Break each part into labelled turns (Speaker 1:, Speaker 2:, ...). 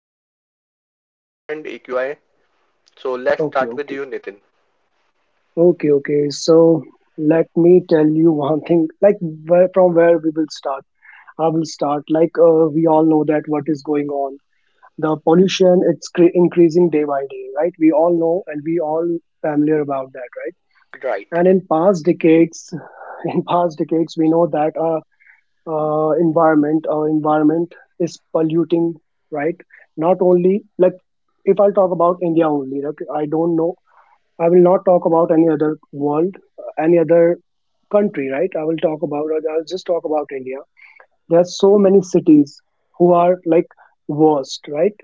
Speaker 1: at a
Speaker 2: Okay,
Speaker 1: topic of pollution and AQI. So let's
Speaker 2: okay,
Speaker 1: start with
Speaker 2: okay,
Speaker 1: you, Nitin.
Speaker 2: okay. So let me tell you one thing. Like where from where we will start. I will start. We all know that what is going on. The pollution it's increasing day by day, right? We all know and we all familiar about that, right?
Speaker 1: Right,
Speaker 2: And in past decades, in past decades, we know that our environment is polluting, right? Not only like if I'll talk about India only, like I don't know I will not talk about any other world, any other country, right? I'll just talk about India. There are so many cities who are like worst, right?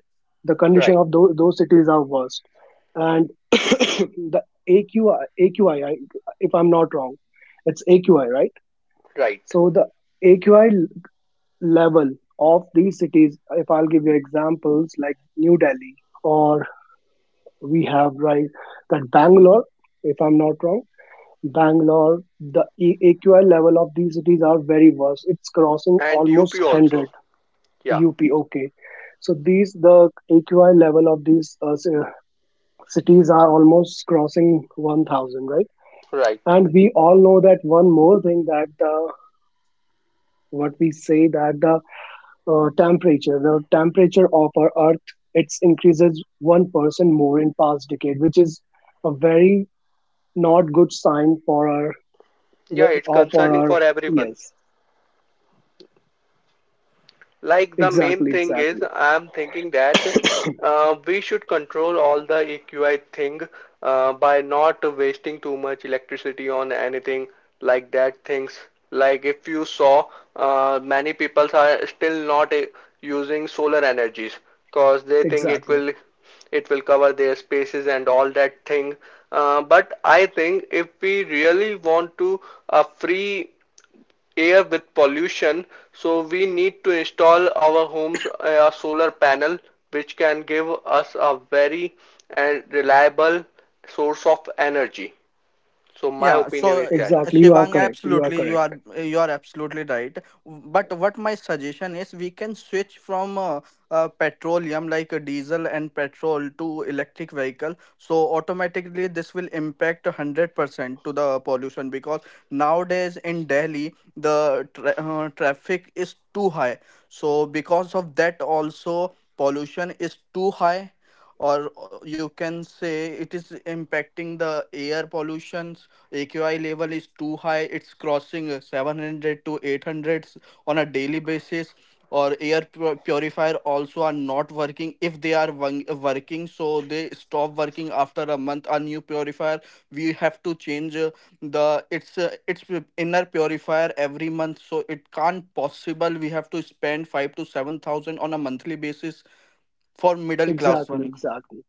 Speaker 2: The condition
Speaker 1: right,
Speaker 2: of those cities are worst. And the AQI, if I'm not wrong, it's AQI, right?
Speaker 1: right.
Speaker 2: So the AQI level of these cities, if I'll give you examples like New Delhi, or we have, right, that Bangalore, if I'm not wrong Bangalore, the AQI level of these cities are very worse. It's crossing
Speaker 1: And
Speaker 2: almost
Speaker 1: UP
Speaker 2: 100
Speaker 1: also. Yeah,
Speaker 2: UP. Okay, so these the AQI level of these cities are almost crossing 1,000, right?
Speaker 1: right.
Speaker 2: And we all know that one more thing that the what we say that the temperature of our Earth, it's increases 1% more in past decade, which is a very not good sign
Speaker 1: Yeah, it's
Speaker 2: for
Speaker 1: concerning
Speaker 2: our
Speaker 1: for everyone.
Speaker 2: yes.
Speaker 1: Like the main
Speaker 2: Exactly,
Speaker 1: thing is,
Speaker 2: exactly,
Speaker 1: I'm thinking that we should control all the E.Q.I thing, by not wasting too much electricity on anything like that things. Like if you saw, many people are still not using solar energies because they think it will it
Speaker 2: exactly,
Speaker 1: will cover their spaces and all that thing. But I think if we really want to a free air with pollution, so we need to install our homes a solar panel which can give us a very and reliable source of energy, so my
Speaker 3: Yeah,
Speaker 1: opinion
Speaker 3: so
Speaker 1: is that
Speaker 2: exactly. You are
Speaker 3: Shivang,
Speaker 2: correct. You are
Speaker 3: absolutely, you are
Speaker 2: correct.
Speaker 3: you are absolutely right. But what my suggestion is, we can switch from petroleum like diesel and petrol to electric vehicle. So automatically, this will impact 100% to the pollution because nowadays in Delhi the traffic is too high. So because of that, also pollution is too high, or you can say it is impacting the air pollutions. AQI level is too high. It's crossing 700 to 800 on a daily basis. Or air purifier also are not working. If they are working, so they stop working after a month. A new purifier, we have to change the its inner purifier every month. So it can't possible. We have to spend five to seven thousand on a monthly basis for middle class
Speaker 2: Exactly,
Speaker 3: one.
Speaker 2: exactly.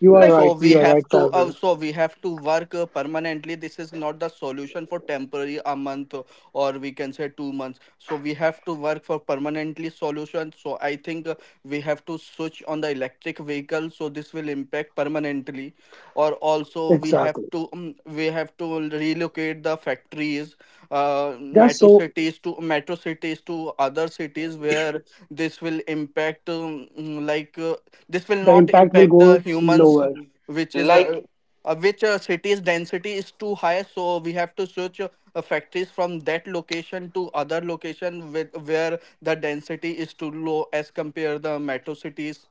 Speaker 2: You are
Speaker 1: like
Speaker 3: So
Speaker 2: right.
Speaker 3: we
Speaker 2: You are right,
Speaker 3: have to
Speaker 2: Fazal.
Speaker 3: also we have to work permanently. This is not the solution for temporary a month or we can say 2 months. So we have to work for permanently solution. So I think we have to switch on the electric vehicle. So this will impact permanently. Or also
Speaker 2: Exactly.
Speaker 3: we have to relocate the factories,
Speaker 2: That's so
Speaker 3: metro cities to other cities where this will impact this will
Speaker 2: the
Speaker 3: not
Speaker 2: impact will
Speaker 3: impact the
Speaker 2: go
Speaker 3: humans
Speaker 2: lower.
Speaker 3: which is
Speaker 1: like.
Speaker 3: which city's density is too high so we have to switch factories from that location to other location with where the density is too low as compare the metro cities.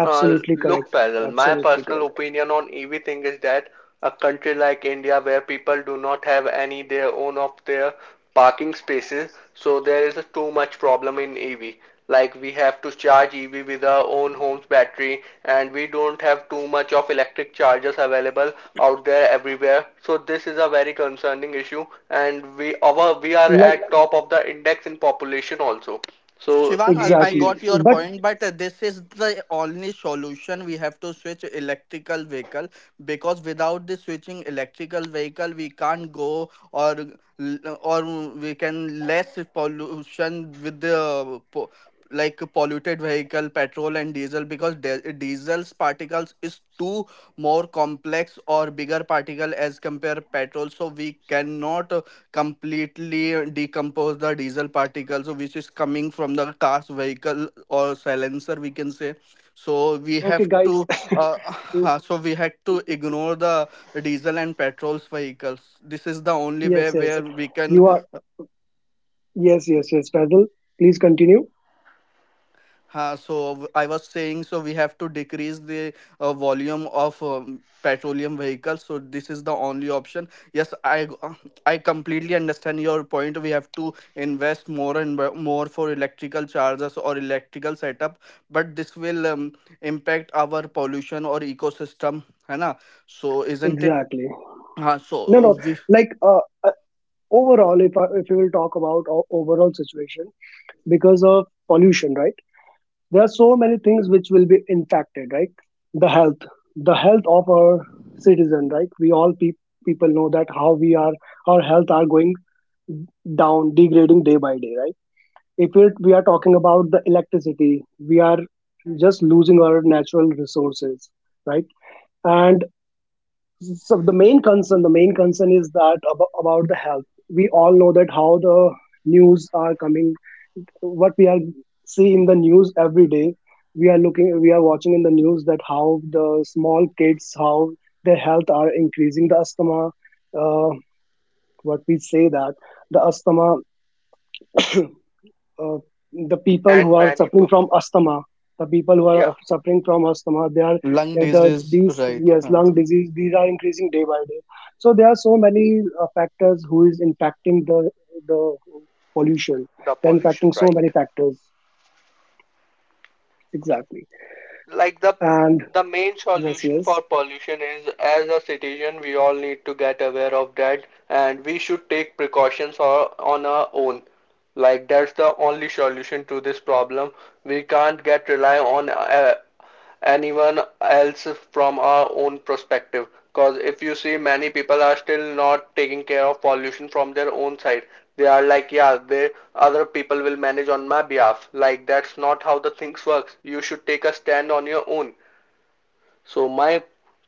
Speaker 1: Uh, look,
Speaker 2: correct.
Speaker 1: Farrell, my
Speaker 2: Absolutely
Speaker 1: personal
Speaker 2: correct.
Speaker 1: opinion on EV thing is that a country like India, where people do not have any their own of their parking spaces, so there is a too much problem in EV. Like we have to charge EV with our own home's battery, and we don't have too much of electric chargers available out there everywhere. So this is a very concerning issue, and we are
Speaker 2: Like
Speaker 1: at top of the index in population also. So
Speaker 3: Shivang, I
Speaker 2: exactly.
Speaker 3: got
Speaker 1: EVs
Speaker 3: your
Speaker 2: But
Speaker 3: point, but this is the only solution. We have to switch electrical vehicle because without the switching electrical vehicle, we can't go or or we can less pollution with the like polluted vehicle, petrol and diesel because diesel's particles is too more complex or bigger particle as compare petrol. So we cannot completely decompose the diesel particles so which is coming from the car's vehicle or silencer we can say so we
Speaker 2: okay,
Speaker 3: have
Speaker 2: guys.
Speaker 3: to uh, so we had to ignore the diesel and petrols vehicles. This is the only way
Speaker 2: Yes,
Speaker 3: where
Speaker 2: yes.
Speaker 3: we can.
Speaker 2: You are yes, yes, yes, Fazal. Please continue.
Speaker 3: So I was saying, so we have to decrease the volume of petroleum vehicles. So this is the only option. Yes, I completely understand your point. We have to invest more and more for electrical chargers or electrical setup, but this will impact our pollution or ecosystem, है ना? So isn't it?
Speaker 2: Exactly.
Speaker 3: हाँ,
Speaker 2: No, no.
Speaker 3: so we
Speaker 2: Like uh, uh, Overall, if we will talk about overall situation because of pollution, right? There are so many things which will be impacted, right? The health, the health of our citizen, right? We all people know that how we are our health are going down, degrading day by day, right? if it, We are talking about the electricity, we are just losing our natural resources, right. And so the main concern is that about the health. We all know that how the news are coming, what we are see in the news every day. We are looking, we are watching in the news that how the small kids, how their health are increasing the asthma. uh, what we say that the asthma, uh, the people who
Speaker 1: and
Speaker 2: are
Speaker 1: many,
Speaker 2: suffering from asthma the people who
Speaker 1: yeah,
Speaker 2: are suffering from asthma they are
Speaker 3: lung
Speaker 2: the
Speaker 3: disease,
Speaker 2: these
Speaker 3: right?
Speaker 2: yes
Speaker 3: Huh.
Speaker 2: lung disease these are increasing day by day. So there are so many factors who is impacting the pollution.
Speaker 1: the
Speaker 2: They're
Speaker 1: pollution,
Speaker 2: impacting so
Speaker 1: right?
Speaker 2: many factors, exactly.
Speaker 1: Like the
Speaker 2: And
Speaker 1: the main
Speaker 2: yes,
Speaker 1: solution
Speaker 2: yes.
Speaker 1: for pollution is, as a citizen we all need to get aware of that, and we should take precautions or, on our own. Like that's the only solution to this problem. We can't get rely on anyone else from our own perspective. Because if you see, many people are still not taking care of pollution from their own side. They are like, yeah, they other people will manage on my behalf. Like that's not how the things works. You should take a stand on your own. So my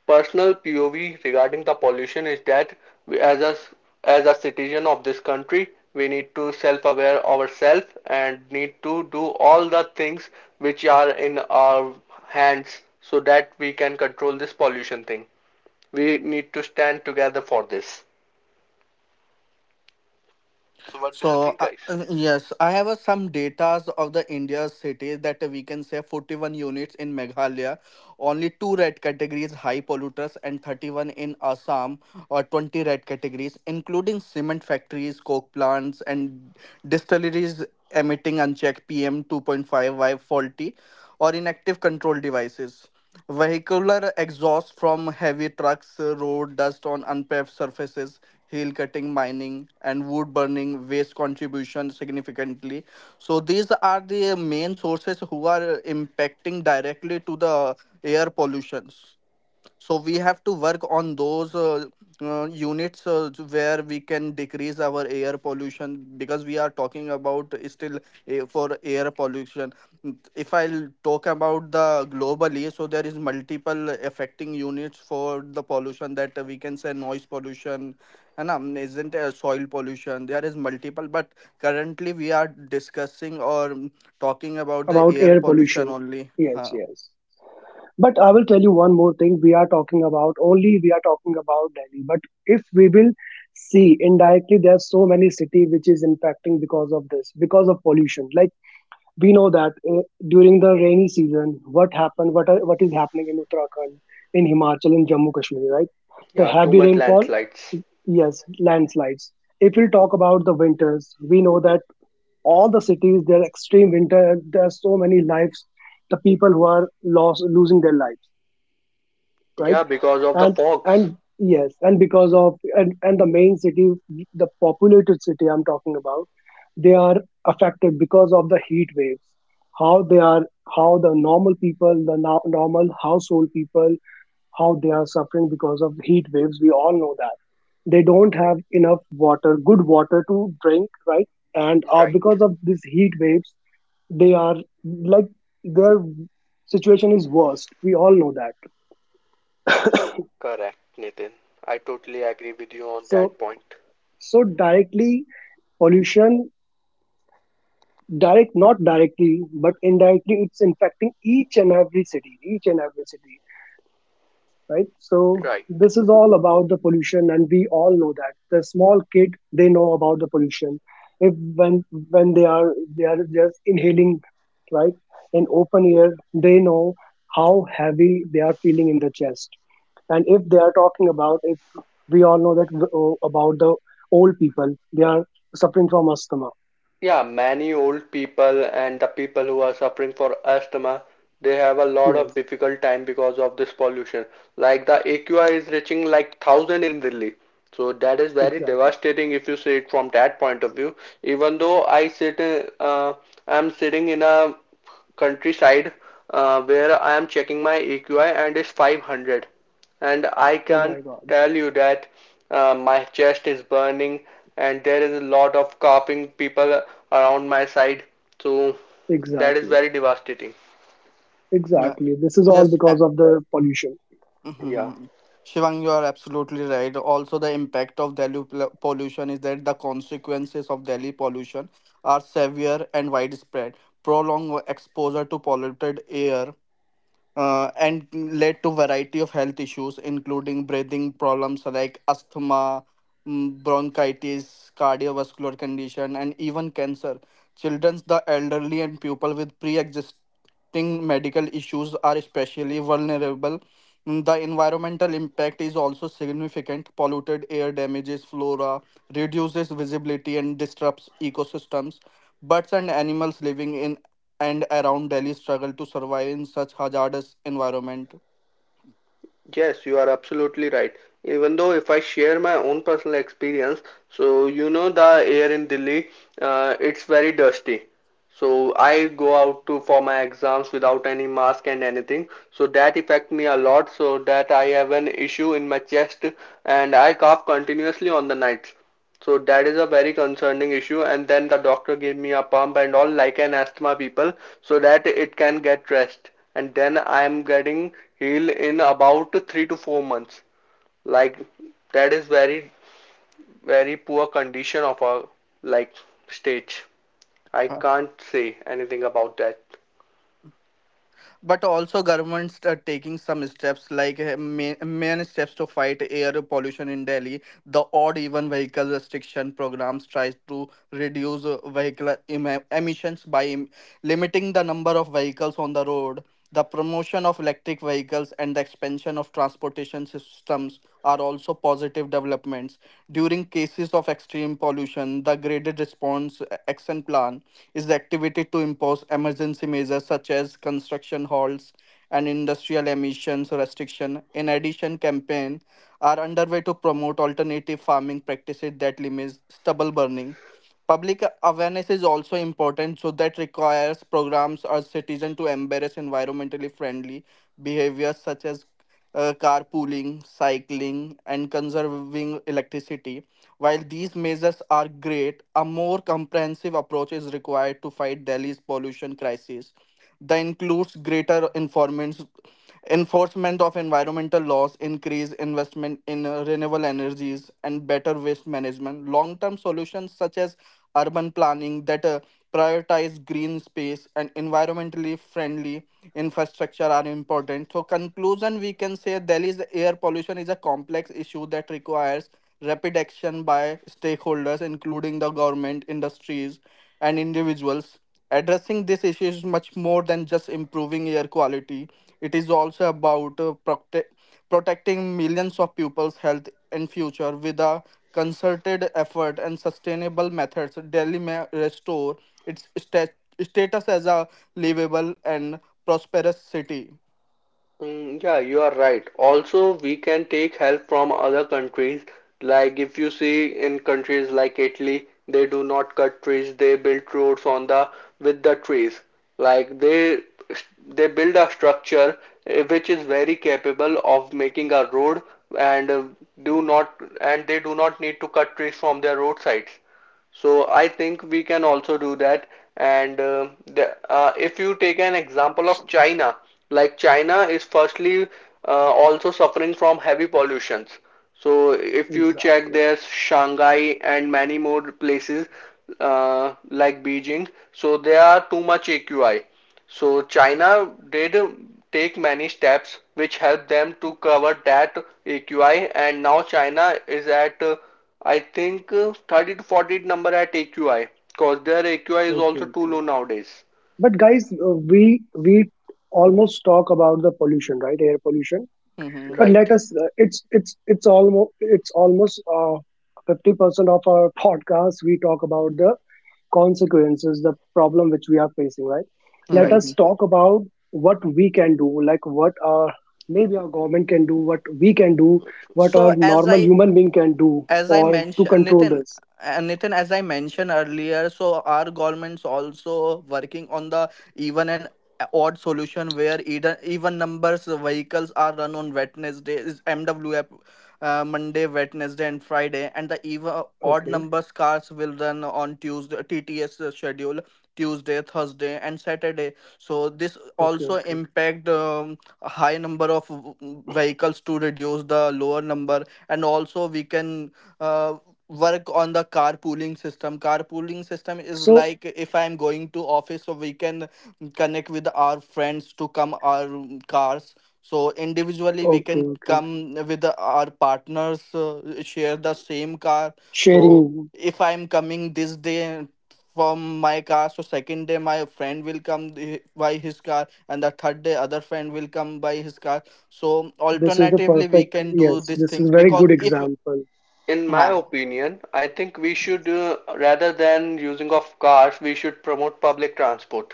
Speaker 1: personal POV regarding the pollution is that we, as a citizen of this country, we need to self-aware ourselves and need to do all the things which are in our hands so that we can control this pollution thing. We need to stand together for this. So what do you
Speaker 3: So
Speaker 1: think, guys?
Speaker 3: yes, I have some datas of the India's cities that we can say 41 units in Meghalaya, only two red categories high polluters and 31 in Assam or 20 red categories, including cement factories, coke plants, and distilleries emitting unchecked PM 2.5 while faulty or inactive control devices. Vehicular exhaust from heavy trucks, road dust on unpaved surfaces, hill cutting, mining, and wood burning waste contribution significantly. So these are the main sources who are impacting directly to the air pollutions, so we have to work on those units where we can decrease our air pollution because we are talking about still for air pollution. If I'll talk about the globally, so there is multiple affecting units for the pollution that we can say noise pollution and isn't soil pollution, there is multiple but currently we are discussing or talking about the
Speaker 2: About
Speaker 3: air
Speaker 2: air
Speaker 3: pollution
Speaker 2: pollution.
Speaker 3: only.
Speaker 2: Yes,
Speaker 3: Huh.
Speaker 2: yes. But I will tell you one more thing. We are talking about only, we are talking about Delhi. But if we will see indirectly, there are so many city which is impacting because of this, because of pollution. Like we know that during the rainy season, what happened, what is happening in Uttarakhand, in Himachal, in Jammu Kashmir, right? The
Speaker 1: Yeah, too
Speaker 2: heavy
Speaker 1: much
Speaker 2: rainfall,
Speaker 1: landslides.
Speaker 2: yes, landslides. If we talk about the winters, we know that all the cities there are extreme winter, there are so many lives, the people who are lost losing their lives, right.
Speaker 1: Yeah, because of the
Speaker 2: and
Speaker 1: fogs.
Speaker 2: and yes and because of and and the main city, the populated city I'm talking about, they are affected because of the heat waves. How they are, how the normal people, the normal household people, how they are suffering because of heat waves, we all know that. They don't have enough water, good water to drink, right. And
Speaker 1: Right.
Speaker 2: because of these heat waves they are like their situation is worst, we all know that.
Speaker 1: Correct, Nitin. I totally agree with you on
Speaker 2: So
Speaker 1: that point.
Speaker 2: so directly pollution, direct not directly but indirectly, it's infecting each and every city, right. So
Speaker 1: Right.
Speaker 2: this is all about the pollution and we all know that the small kid they know about the pollution. If when when they are just inhaling, right, in open air, they know how heavy they are feeling in the chest. And if they are talking about, if we all know that about the old people, they are suffering from asthma.
Speaker 1: Yeah, many old people and the people who are suffering for asthma, they have a lot of
Speaker 2: Yes,
Speaker 1: difficult time because of this pollution. Like the AQI is reaching like 1,000 in Delhi. So that is very
Speaker 2: exactly.
Speaker 1: devastating if you see it from that point of view. Even though I'm sitting in a countryside where I am checking my AQI and it's 500, and I
Speaker 2: Oh
Speaker 1: can't
Speaker 2: my God.
Speaker 1: tell you that my chest is burning and there is a lot of coughing people around my side. So that is
Speaker 2: Exactly.
Speaker 1: very devastating.
Speaker 3: Yeah.
Speaker 2: Exactly. This is all
Speaker 3: Yes.
Speaker 2: because of the pollution.
Speaker 1: Yeah.
Speaker 3: Mm-hmm. Shivang, you are absolutely right. Also, the impact of Delhi pollution is that the consequences of Delhi pollution are severe and widespread. Prolonged exposure to polluted air and led to variety of health issues including breathing problems like asthma, bronchitis, cardiovascular condition and even cancer. Children, the elderly and people with pre-existing medical issues are especially vulnerable. The environmental impact is also significant. Polluted air damages flora, reduces visibility and disrupts ecosystems. Birds and animals living in and around Delhi struggle to survive in such hazardous environment.
Speaker 1: Yes, you are absolutely right. Even though if I share my own personal experience, so you know the air in Delhi, it's very dusty. So I go out to for my exams without any mask and anything. So that affect me a lot. So that I have an issue in my chest, and I cough continuously on the nights. So that is a very concerning issue. And then the doctor gave me a pump and all like an asthma people so that it can get rest. And then I am getting healed in about 3 to 4 months. Like that is very very poor condition of our like stage. I
Speaker 3: Huh.
Speaker 1: can't say anything about that.
Speaker 3: But also governments are taking some steps like main steps to fight air pollution in Delhi. The odd even vehicle restriction programs tries to reduce vehicle emissions by limiting the number of vehicles on the road, the promotion of electric vehicles, and the expansion of transportation systems are also positive developments. During cases of extreme pollution, the graded response action plan is activated to impose emergency measures such as construction halts and industrial emissions restriction. In addition, campaign are underway to promote alternative farming practices that limit stubble burning. Public awareness is also important, so that requires programs or citizens to embrace environmentally friendly behaviors such as carpooling, cycling, and conserving electricity. While these measures are great, a more comprehensive approach is required to fight Delhi's pollution crisis. That includes greater informants. Enforcement of environmental laws, increase investment in renewable energies, and better waste management. Long term solutions such as urban planning that prioritize green space and environmentally friendly infrastructure are important. So, conclusion we can say Delhi's air pollution is a complex issue that requires rapid action by stakeholders, including the government, industries, and individuals. Addressing this issue is much more than just improving air quality. It is also about protecting millions of people's health and future with a concerted effort and sustainable methods. Delhi may restore its status as a livable and prosperous city.
Speaker 1: Mm, yeah, you are right. Also, we can take help from other countries. Like if you see in countries like Italy, they do not cut trees, they build roads on the with the trees. Like they build a structure, which is very capable of making a road and do not and they do not need to cut trees from their roadsides. So I think we can also do that. And if you take an example of China, like China is firstly also suffering from heavy pollutions. So if you
Speaker 2: Exactly.
Speaker 1: check, there's Shanghai and many more places, like Beijing, so they are too much AQI. So China did take many steps which helped them to cover that AQI, and now China is at, I think, 30 to 40 number at AQI because their AQI is
Speaker 2: Okay,
Speaker 1: also too
Speaker 2: okay.
Speaker 1: low nowadays.
Speaker 2: But guys, we almost talk about the pollution, right? Air pollution. But
Speaker 3: Mhm.
Speaker 2: let
Speaker 1: Right,
Speaker 2: us. It's almost 50% of our podcast. We talk about the consequences, the problem which we are facing, right? Let
Speaker 1: right.
Speaker 2: us
Speaker 3: Mhm.
Speaker 2: talk about what we can do, like what our maybe our government can do, what we can do, what our
Speaker 3: So, as
Speaker 2: normal
Speaker 3: I
Speaker 2: human being can do
Speaker 3: as I
Speaker 2: or to
Speaker 3: mentioned,
Speaker 2: control
Speaker 3: Nitin,
Speaker 2: this.
Speaker 3: as I mentioned earlier, so our government's also working on the even and odd solution where even numbers vehicles are run on Wednesday is MWF. Monday, Wednesday, and Friday, and the even odd
Speaker 2: Okay,
Speaker 3: numbers cars will run on Tuesday TTS schedule, Tuesday, Thursday, and Saturday. So this
Speaker 2: okay,
Speaker 3: also
Speaker 2: okay.
Speaker 3: impact a high number of vehicles to reduce the lower number, and also we can uh, work on the carpooling system. Carpooling system is
Speaker 2: So,
Speaker 3: like if I'm going to office, so we can connect with our friends to come our cars. So individually we
Speaker 2: okay,
Speaker 3: can
Speaker 2: okay.
Speaker 3: come with our partners, share the same car. So
Speaker 2: Sharing
Speaker 3: if I'm coming this day from my car, so second day my friend will come by his car and the third day other friend will come by his car. So
Speaker 2: this is the
Speaker 3: alternatively we
Speaker 2: perfect,
Speaker 3: can do
Speaker 2: yes,
Speaker 3: these
Speaker 2: this is
Speaker 3: things
Speaker 2: very
Speaker 3: because
Speaker 2: good
Speaker 3: if
Speaker 2: example.
Speaker 1: In my
Speaker 3: हाँ.
Speaker 1: opinion, I think we should, rather than using of cars, we should promote public transport.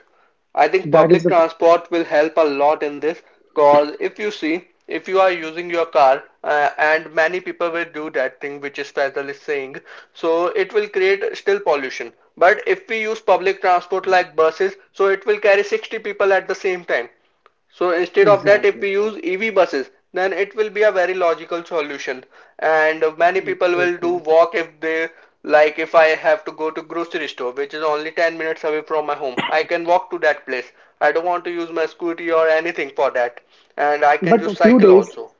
Speaker 1: I think
Speaker 2: That is
Speaker 1: public
Speaker 2: the
Speaker 1: transport will help a lot in this, because if you see, if you are using your car, and many people will do that thing which is Faisal is saying, so it will create still pollution. But if we use public transport like buses, so it will carry 60 people at the same time. So instead of that, if
Speaker 2: exactly
Speaker 1: we use EV buses, then it will be a very logical solution. And many people will do
Speaker 2: okay.
Speaker 1: walk if they like if I have to go to grocery store, which is only 10 minutes away from my home. I can walk to that place. I don't want to use my scooty or anything for that. And I can
Speaker 2: But
Speaker 1: use
Speaker 2: a few
Speaker 1: cycle
Speaker 2: days
Speaker 1: also.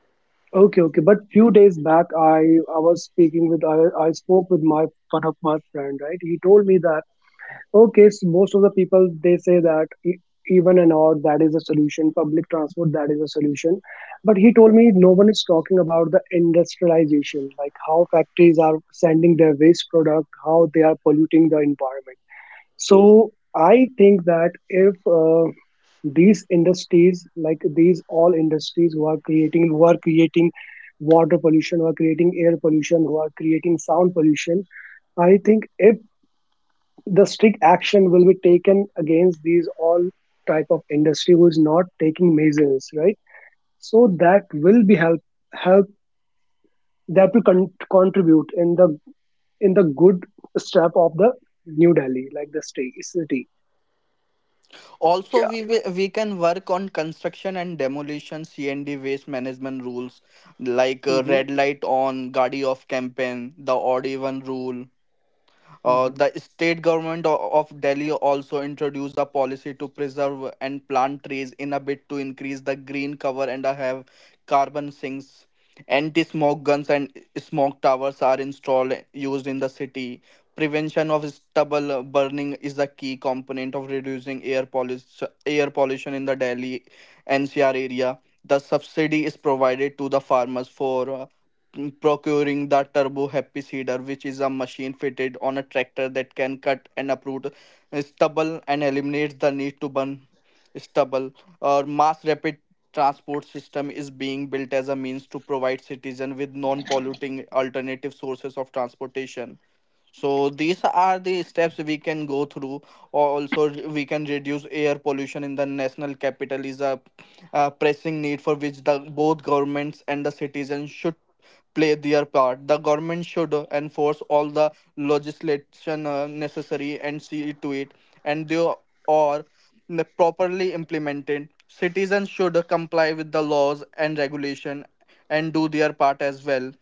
Speaker 2: okay, okay. But few days back, I was speaking with I spoke with my one of my friend, right? He told me that okay, so most of the people they say that even an hour that is a solution, public transport that is a solution. But he told me no one is talking about the industrialization, like how factories are sending their waste product, how they are polluting the environment. So I think that if these industries like these all industries who are creating water pollution, who are creating air pollution, who are creating sound pollution, I think if the strict action will be taken against these all type of industry who is not taking measures, right, so that will be help help, that will contribute in the good step of the New Delhi like the state city.
Speaker 3: Also,
Speaker 1: Yeah.
Speaker 3: we will, we can work on construction and demolition CND waste management rules like
Speaker 2: Hmm.
Speaker 3: red light on, gadi off campaign, the odd even rule, the
Speaker 2: Hmm
Speaker 3: state government of Delhi also introduced a policy to preserve and plant trees in a bid to increase the green cover and have carbon sinks. Anti-smoke guns and smoke towers are installed used in the city. Prevention of stubble burning is a key component of reducing air pollution in the Delhi NCR area. The subsidy is provided to the farmers for procuring the turbo happy seeder, which is a machine fitted on a tractor that can cut and uproot stubble and eliminates the need to burn stubble. Or mass rapid transport system is being built as a means to provide citizens with non-polluting alternative sources of transportation, so these are the steps we can go through. Also, we can reduce air pollution in the national capital is a pressing need for which the both governments and the citizens should play their part. The government should enforce all the legislation necessary and see to it, and they are properly implemented. Citizens should comply with the laws and regulation and do their part as well.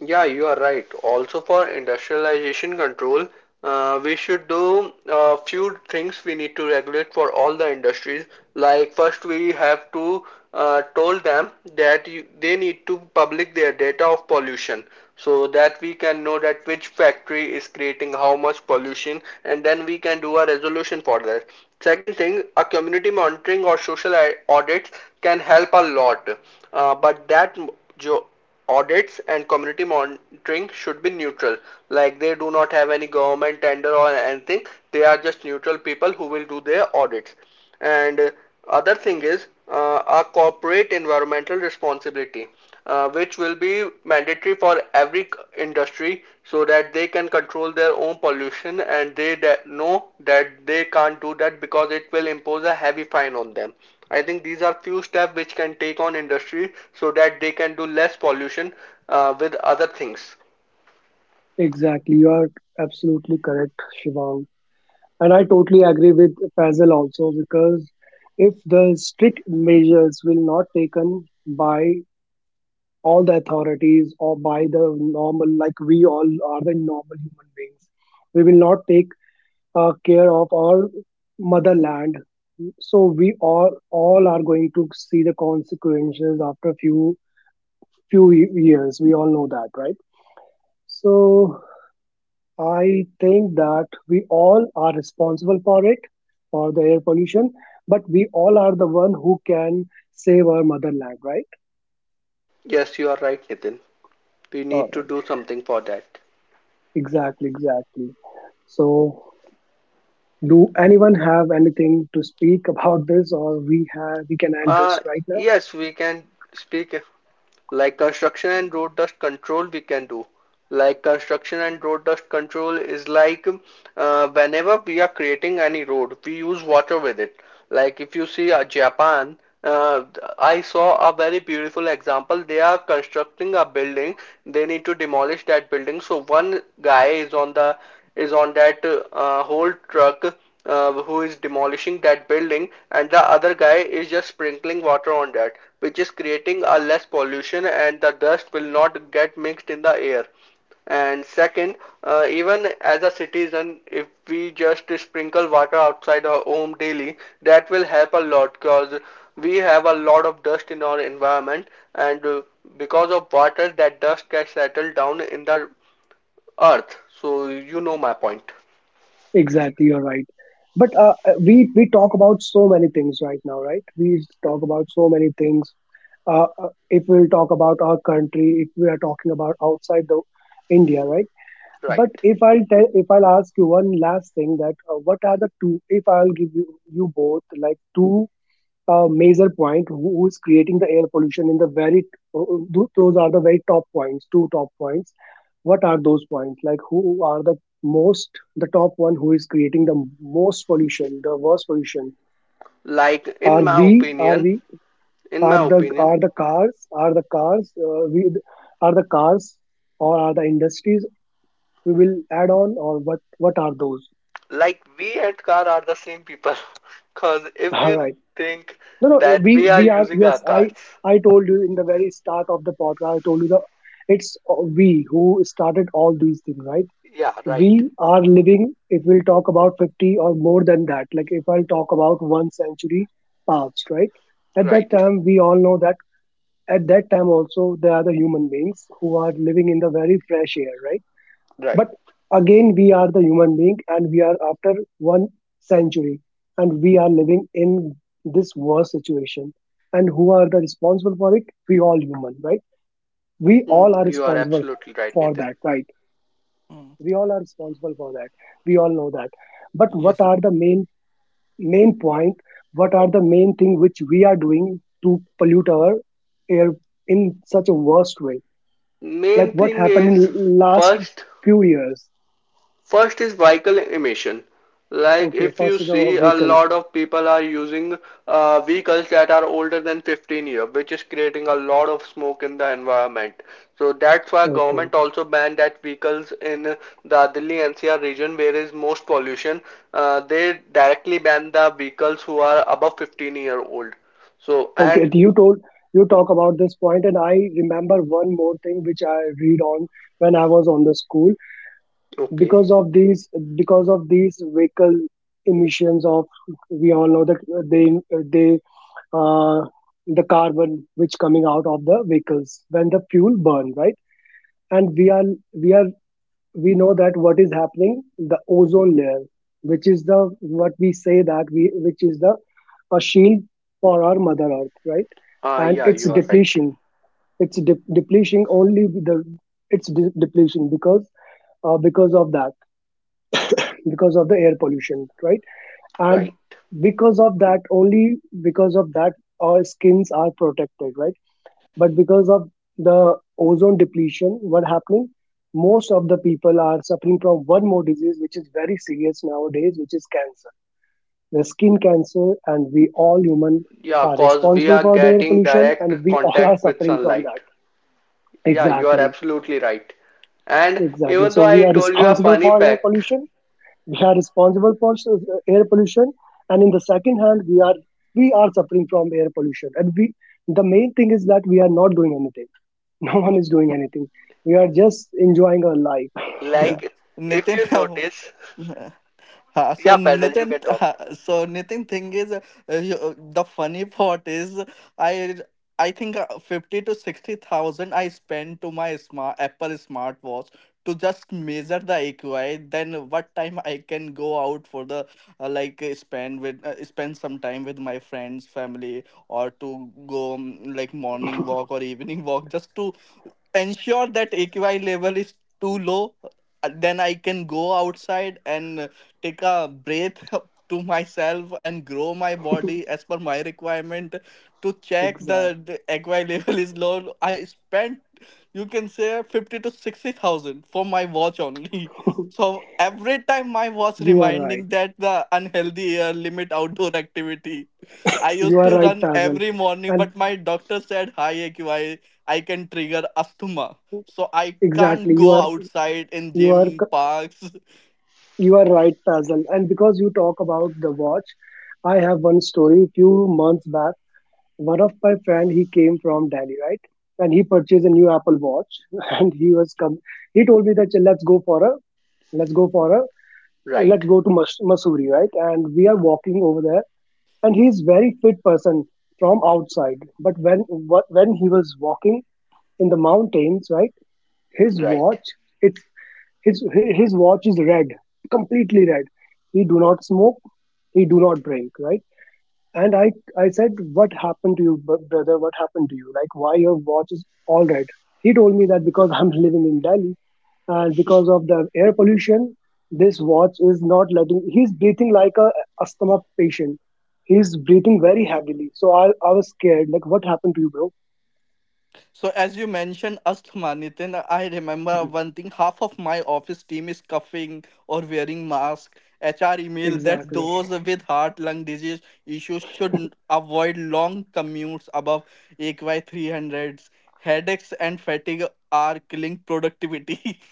Speaker 1: Yeah, you are right. Also, for industrialization control, we should do a few things. We need to regulate for all the industries. Like, first, we have to told them that, they need to public their data of pollution, so that we can know that which factory is creating how much pollution, and then we can do a resolution for that. Second thing, a community monitoring or social audits can help a lot, but jo- audits and community monitoring should be neutral. Like they do not have any government tender or anything. They are just neutral people who will do their audits. And other thing is, a corporate environmental responsibility, which will be mandatory for every industry so that they can control their own pollution, and they that know that they can't do that, because it will impose a heavy fine on them. I think these are few steps which can take on industry so that they can do less pollution, with other things.
Speaker 2: exactly, you are absolutely correct, Shivang. And I totally agree with Faisal also because if the strict measures will not taken by all the authorities or by the normal, like we all are the normal human beings, we will not take care of our motherland. So we all are going to see the consequences after few years. We all know that, right? So I think that we all are responsible for it, for the air pollution, but we all are the one who can save our motherland, right?
Speaker 1: Yes, you are right, Nitin. We
Speaker 2: All
Speaker 1: need to
Speaker 2: right.
Speaker 1: do something for that.
Speaker 2: Exactly, exactly. So, do anyone have anything to speak about this, or we have we can end
Speaker 1: uh,
Speaker 2: this right now?
Speaker 1: yes, we can speak. Like construction and road dust control we can do. Like construction and road dust control is like, whenever we are creating any road, we use water with it. Like if you see, Japan, uh, I saw a very beautiful example. They are constructing a building. They need to demolish that building. So one guy is on the is on that, whole truck, who is demolishing that building, and the other guy is just sprinkling water on that, which is creating a less pollution and the dust will not get mixed in the air. And second, even as a citizen, if we just sprinkle water outside our home daily, that will help a lot, because we have a lot of dust in our environment. And because of water, that dust gets settled down in the earth, so you know my point.
Speaker 2: Exactly, you're right. But we talk about so many things right now, right? We talk about so many things. If we'll talk about our country, if we are talking about outside the India, right? But
Speaker 1: Right.
Speaker 2: if I'll tell, if I'll ask you one last thing, that what are the two? If I'll give you both like two major point who's creating the air pollution in the very uh, uh, those are the very top points, two top points. What are those points? Like who are the most, the top one who is creating the most pollution, the worst pollution?
Speaker 1: Like in
Speaker 2: Are
Speaker 1: my
Speaker 2: we? Are
Speaker 1: opinion,
Speaker 2: we?
Speaker 1: in my
Speaker 2: Are the
Speaker 1: opinion,
Speaker 2: cars? We are the cars or are the industries? We will add on or what? What are those?
Speaker 1: like we and car are the same people. Cause if
Speaker 2: All
Speaker 1: you
Speaker 2: right.
Speaker 1: think
Speaker 2: No, no,
Speaker 1: that we are
Speaker 2: we are
Speaker 1: using our
Speaker 2: yes,
Speaker 1: cars,
Speaker 2: I told you in the very start of the podcast, I told you the it's we who started all these things, right?
Speaker 1: yeah, right,
Speaker 2: We are living, if we'll talk about 50 or more than that, like if I'll talk about one century past, right? At that
Speaker 1: right,
Speaker 2: time, we all know that at that time also there are the human beings who are living in the very fresh air, right?
Speaker 1: right.
Speaker 2: But again, we are the human being and we are after one century and we are living in this worst situation. And who are the responsible for it? We all human, right? We all are
Speaker 1: Mm, you are
Speaker 2: responsible
Speaker 1: absolutely right,
Speaker 2: for
Speaker 1: Nathan.
Speaker 2: that, right?
Speaker 3: Mm.
Speaker 2: We all are responsible for that. We all know that. But what
Speaker 3: Yes.
Speaker 2: are the main point? What are the main thing which we are doing to pollute our air in such a worst way? Like
Speaker 1: Main
Speaker 2: what
Speaker 1: thing
Speaker 2: happened
Speaker 1: is
Speaker 2: in last
Speaker 1: first
Speaker 2: few years?
Speaker 1: First, is vehicle emission. Like
Speaker 2: Okay,
Speaker 1: if you
Speaker 2: first is the
Speaker 1: see, a
Speaker 2: vehicle.
Speaker 1: lot of people are using vehicles that are older than 15 year, which is creating a lot of smoke in the environment. So that's why
Speaker 2: Okay.
Speaker 1: government also banned that vehicles in the Delhi NCR region where is most pollution. They directly ban the vehicles who are above 15-year-old. So
Speaker 2: Okay.
Speaker 1: and
Speaker 2: You talk about this point, and I remember one more thing which I read on when I was on the school
Speaker 1: okay,
Speaker 2: because of these vehicle emissions of. We all know that they they uh, the carbon which coming out of the vehicles when the fuel burn, right? And we are we are we know that what is happening, the ozone layer, which is the what we say that we which is the a shield for our mother earth, right? And
Speaker 1: yeah,
Speaker 2: it's
Speaker 1: you are right,
Speaker 2: depletion, it's de- depleting only the it's de- depletion because of that because of the air pollution, right? And
Speaker 1: right.
Speaker 2: because of that only, because of that, our skins are protected, right? But because of the ozone depletion, what happening, most of the people are suffering from one more disease which is very serious nowadays, which is cancer, the skin cancer. And we all human
Speaker 1: Yeah,
Speaker 2: are
Speaker 1: cause we
Speaker 2: responsible
Speaker 1: are
Speaker 2: for the air
Speaker 1: getting
Speaker 2: pollution,
Speaker 1: direct
Speaker 2: and we all are
Speaker 1: contact with
Speaker 2: suffering from
Speaker 1: sunlight.
Speaker 2: that.
Speaker 1: Yeah, you are
Speaker 2: Exactly,
Speaker 1: absolutely right. And
Speaker 2: exactly.
Speaker 1: even
Speaker 2: So
Speaker 1: though
Speaker 2: we
Speaker 1: I
Speaker 2: are
Speaker 1: told you a
Speaker 2: responsible
Speaker 1: funny
Speaker 2: for air
Speaker 1: fact,
Speaker 2: pollution. We are responsible for air pollution. And in the second hand, we are suffering from air pollution, and we, the main thing is that we are not doing anything. No one is doing anything. We are just enjoying our life.
Speaker 3: Yeah.
Speaker 1: like if
Speaker 3: Nitin,
Speaker 1: you
Speaker 3: how,
Speaker 1: notice,
Speaker 3: Uh, so
Speaker 1: yeah, Basil, you
Speaker 3: Nitin,
Speaker 1: can talk.
Speaker 3: so Nitin, thing is, the funny part is, I I think fifty to sixty thousand I spend to my smart Apple smartwatch to just measure the AQI. Then what time I can go out for the spend with spend some time with my friends, family, or to go like morning walk or evening walk just to ensure that AQI level is too low, then I can go outside and take a breath to myself and grow my body as per my requirement to check
Speaker 2: Exact.
Speaker 3: the aqua level is low. I spent, you can say, 50 to 60,000 for my watch only. So every time my watch
Speaker 2: You are
Speaker 3: reminding
Speaker 2: right.
Speaker 3: that the unhealthy limit outdoor activity. I
Speaker 2: You
Speaker 3: used
Speaker 2: are
Speaker 3: to
Speaker 2: right,
Speaker 3: run
Speaker 2: Fazal.
Speaker 3: every morning,
Speaker 2: And
Speaker 3: but my doctor said high AQI, I can trigger asthma, so I can't
Speaker 2: exactly,
Speaker 3: go
Speaker 2: you are
Speaker 3: outside in
Speaker 2: you
Speaker 3: gym,
Speaker 2: are c-
Speaker 3: parks.
Speaker 2: you are right, Fazal. And because you talk about the watch, I have one story. Few months back, one of my friend, he came from Delhi, right? And he purchased a new Apple Watch, and he was come. He told me that let's go for a let's go for a
Speaker 1: Right,
Speaker 2: let's go to Masuri, right? And we are walking over there, and he is very fit person from outside. But when when he was walking in the mountains, right, his
Speaker 1: right.
Speaker 2: watch, it's, his his watch is red, completely red. He do not smoke, he do not drink, right? And I said, what happened to you, brother? What happened to you? Like, why your watch is all red? He told me that because I'm living in Delhi, and because of the air pollution, this watch is not letting, he's breathing like a asthma patient. He's breathing very heavily. So I was scared, like, what happened to you, bro?
Speaker 3: So as you mentioned asthma, Nitin, I remember one thing. Half of my office team is coughing or wearing mask. HR emailed that
Speaker 2: Exactly.
Speaker 3: those with heart lung disease issues should avoid long commutes above AQI 300s. Headaches and fatigue are killing productivity.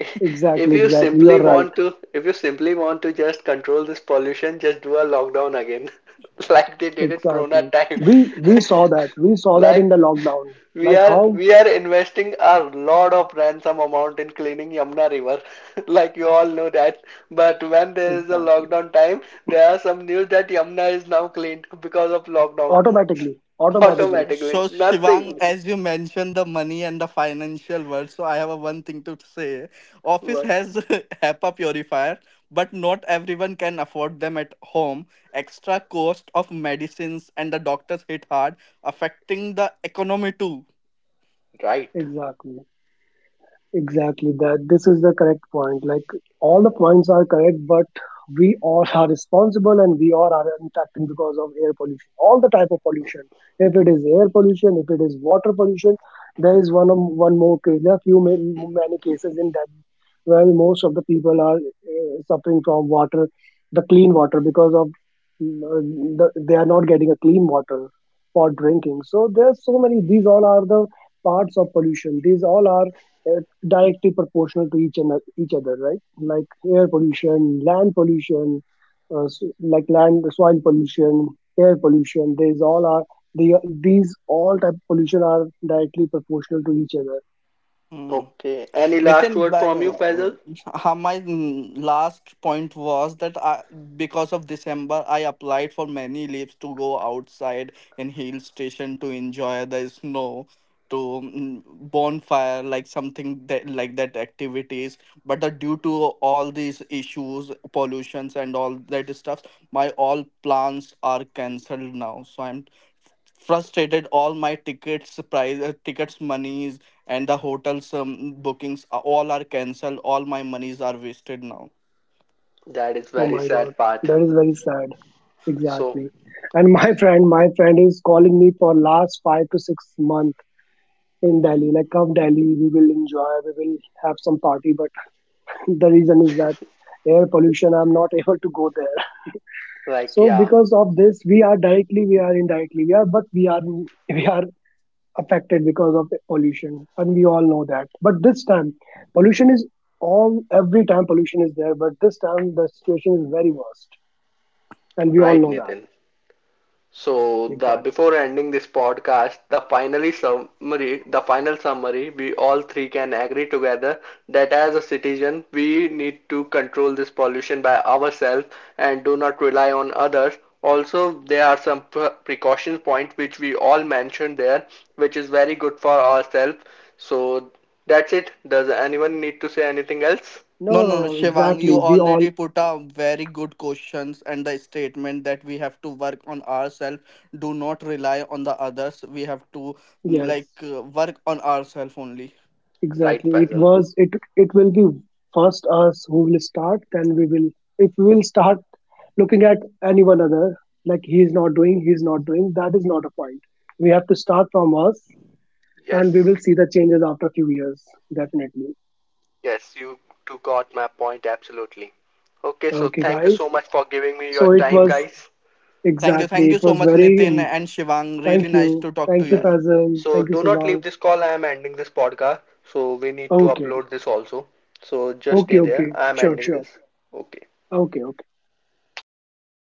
Speaker 1: If
Speaker 2: Exactly.
Speaker 1: you
Speaker 2: Exactly. You are
Speaker 1: simply
Speaker 2: right.
Speaker 1: want to, if you simply want to just control this pollution, just do a lockdown again, like they did at Corona
Speaker 2: Exactly.
Speaker 1: time.
Speaker 2: We saw that. We saw that in
Speaker 1: Like,
Speaker 2: the lockdown.
Speaker 1: We
Speaker 2: Like
Speaker 1: are
Speaker 2: how?
Speaker 1: we are investing a lot of ransom amount in cleaning Yamuna River, like you all know that. But when there is a
Speaker 2: Exactly.
Speaker 1: lockdown time, there are some news that Yamuna is now cleaned because of lockdown.
Speaker 2: Automatically. Automatically.
Speaker 3: So,
Speaker 1: Automatically,
Speaker 3: so
Speaker 1: nothing.
Speaker 3: Shivang, as you mentioned the money and the financial world, so I have a one thing to say. Office
Speaker 1: But
Speaker 3: has HEPA purifier, but not everyone can afford them at home. Extra cost of medicines and the doctors hit hard, affecting the economy too.
Speaker 1: right.
Speaker 2: Exactly. Exactly that. This is the correct point. Like all the points are correct, but we all are responsible, and we all are impacting because of air pollution. All the type of pollution. If it is air pollution, if it is water pollution, there is one more case. There are many cases in Delhi where most of the people are suffering from water, the clean water, because of mm, uh, the, they are not getting a clean water for drinking. So there are so many. These all are the parts of pollution. These all are uh, directly proportional to each other, right? Like air pollution, land pollution, like land soil pollution, air pollution. These all are the these all type of pollution are directly proportional to each other.
Speaker 3: Hmm.
Speaker 1: Okay. Any last
Speaker 3: Nitin,
Speaker 1: word from you, Faisal?
Speaker 3: my last point was that I, because of December, I applied for many leaves to go outside in hill station to enjoy the snow, to bonfire, like something that like that activities. But the due to all these issues, pollutions and all that stuff, my all plans are cancelled now. So I'm frustrated, all my tickets price tickets monies and the hotels bookings all are cancelled, all my monies are wasted now.
Speaker 1: That is
Speaker 2: Oh
Speaker 1: very
Speaker 2: my god,
Speaker 1: sad part.
Speaker 2: that is very sad.
Speaker 1: So,
Speaker 2: Exactly. And my friend, my friend is calling me for last 5 to 6 month in Delhi. Like come Delhi, we will enjoy, we will have some party. But the reason is that air pollution. I'm not able to go there.
Speaker 1: like,
Speaker 2: So
Speaker 1: yeah,
Speaker 2: because of this, we are directly, we are indirectly, we are, but we are we are affected because of pollution, and we all know that. But this time, pollution is, all every time pollution is there, but this time the situation is very worst, and we all
Speaker 1: right,
Speaker 2: know that.
Speaker 1: Nitin. So the
Speaker 2: Exactly.
Speaker 1: before ending this podcast, the final summary, we all three can agree together that as a citizen, we need to control this pollution by ourselves, and do not rely on others. Also, there are some precaution points which we all mentioned there, which is very good for ourselves. So that's it. Does anyone need to say anything else?
Speaker 2: No,
Speaker 3: No,
Speaker 2: no, no,
Speaker 3: no, no,
Speaker 2: no,
Speaker 3: Shivang,
Speaker 2: exactly.
Speaker 3: you
Speaker 2: We all,
Speaker 3: already put a very good questions and the statement that we have to work on ourselves, do not rely on the others. We have to
Speaker 2: yes,
Speaker 3: work on ourselves only.
Speaker 1: Right,
Speaker 2: exactly. It
Speaker 1: Faisal.
Speaker 2: was, it will be first us who will start, then we will, if we will start looking at anyone other, like he is not doing, he is not doing, that is not a point. We have to start from us, and we
Speaker 1: Yes.
Speaker 2: will see the changes after a few years, definitely.
Speaker 1: Yes, you two got my point absolutely. Okay, so
Speaker 2: Okay,
Speaker 1: thank you
Speaker 2: guys.
Speaker 1: so much for giving me your
Speaker 2: So it
Speaker 1: time,
Speaker 2: was,
Speaker 1: guys.
Speaker 3: Thank you,
Speaker 2: exactly,
Speaker 3: thank you
Speaker 2: it
Speaker 3: so
Speaker 2: was
Speaker 3: much,
Speaker 2: very
Speaker 3: Nitin and Shivang, really
Speaker 2: thank
Speaker 3: nice
Speaker 2: you.
Speaker 3: to talk to
Speaker 2: Thank you,
Speaker 1: Yes.
Speaker 3: you.
Speaker 2: Fazal.
Speaker 1: So
Speaker 2: Thank you,
Speaker 1: do not
Speaker 2: Sivang.
Speaker 1: leave this call. I am ending this podcast. So we need to
Speaker 2: Okay.
Speaker 1: upload this also. So just
Speaker 2: Okay,
Speaker 1: stay there.
Speaker 2: okay.
Speaker 1: I am
Speaker 2: Sure,
Speaker 1: ending
Speaker 2: sure.
Speaker 1: this. Okay.
Speaker 2: Okay, okay.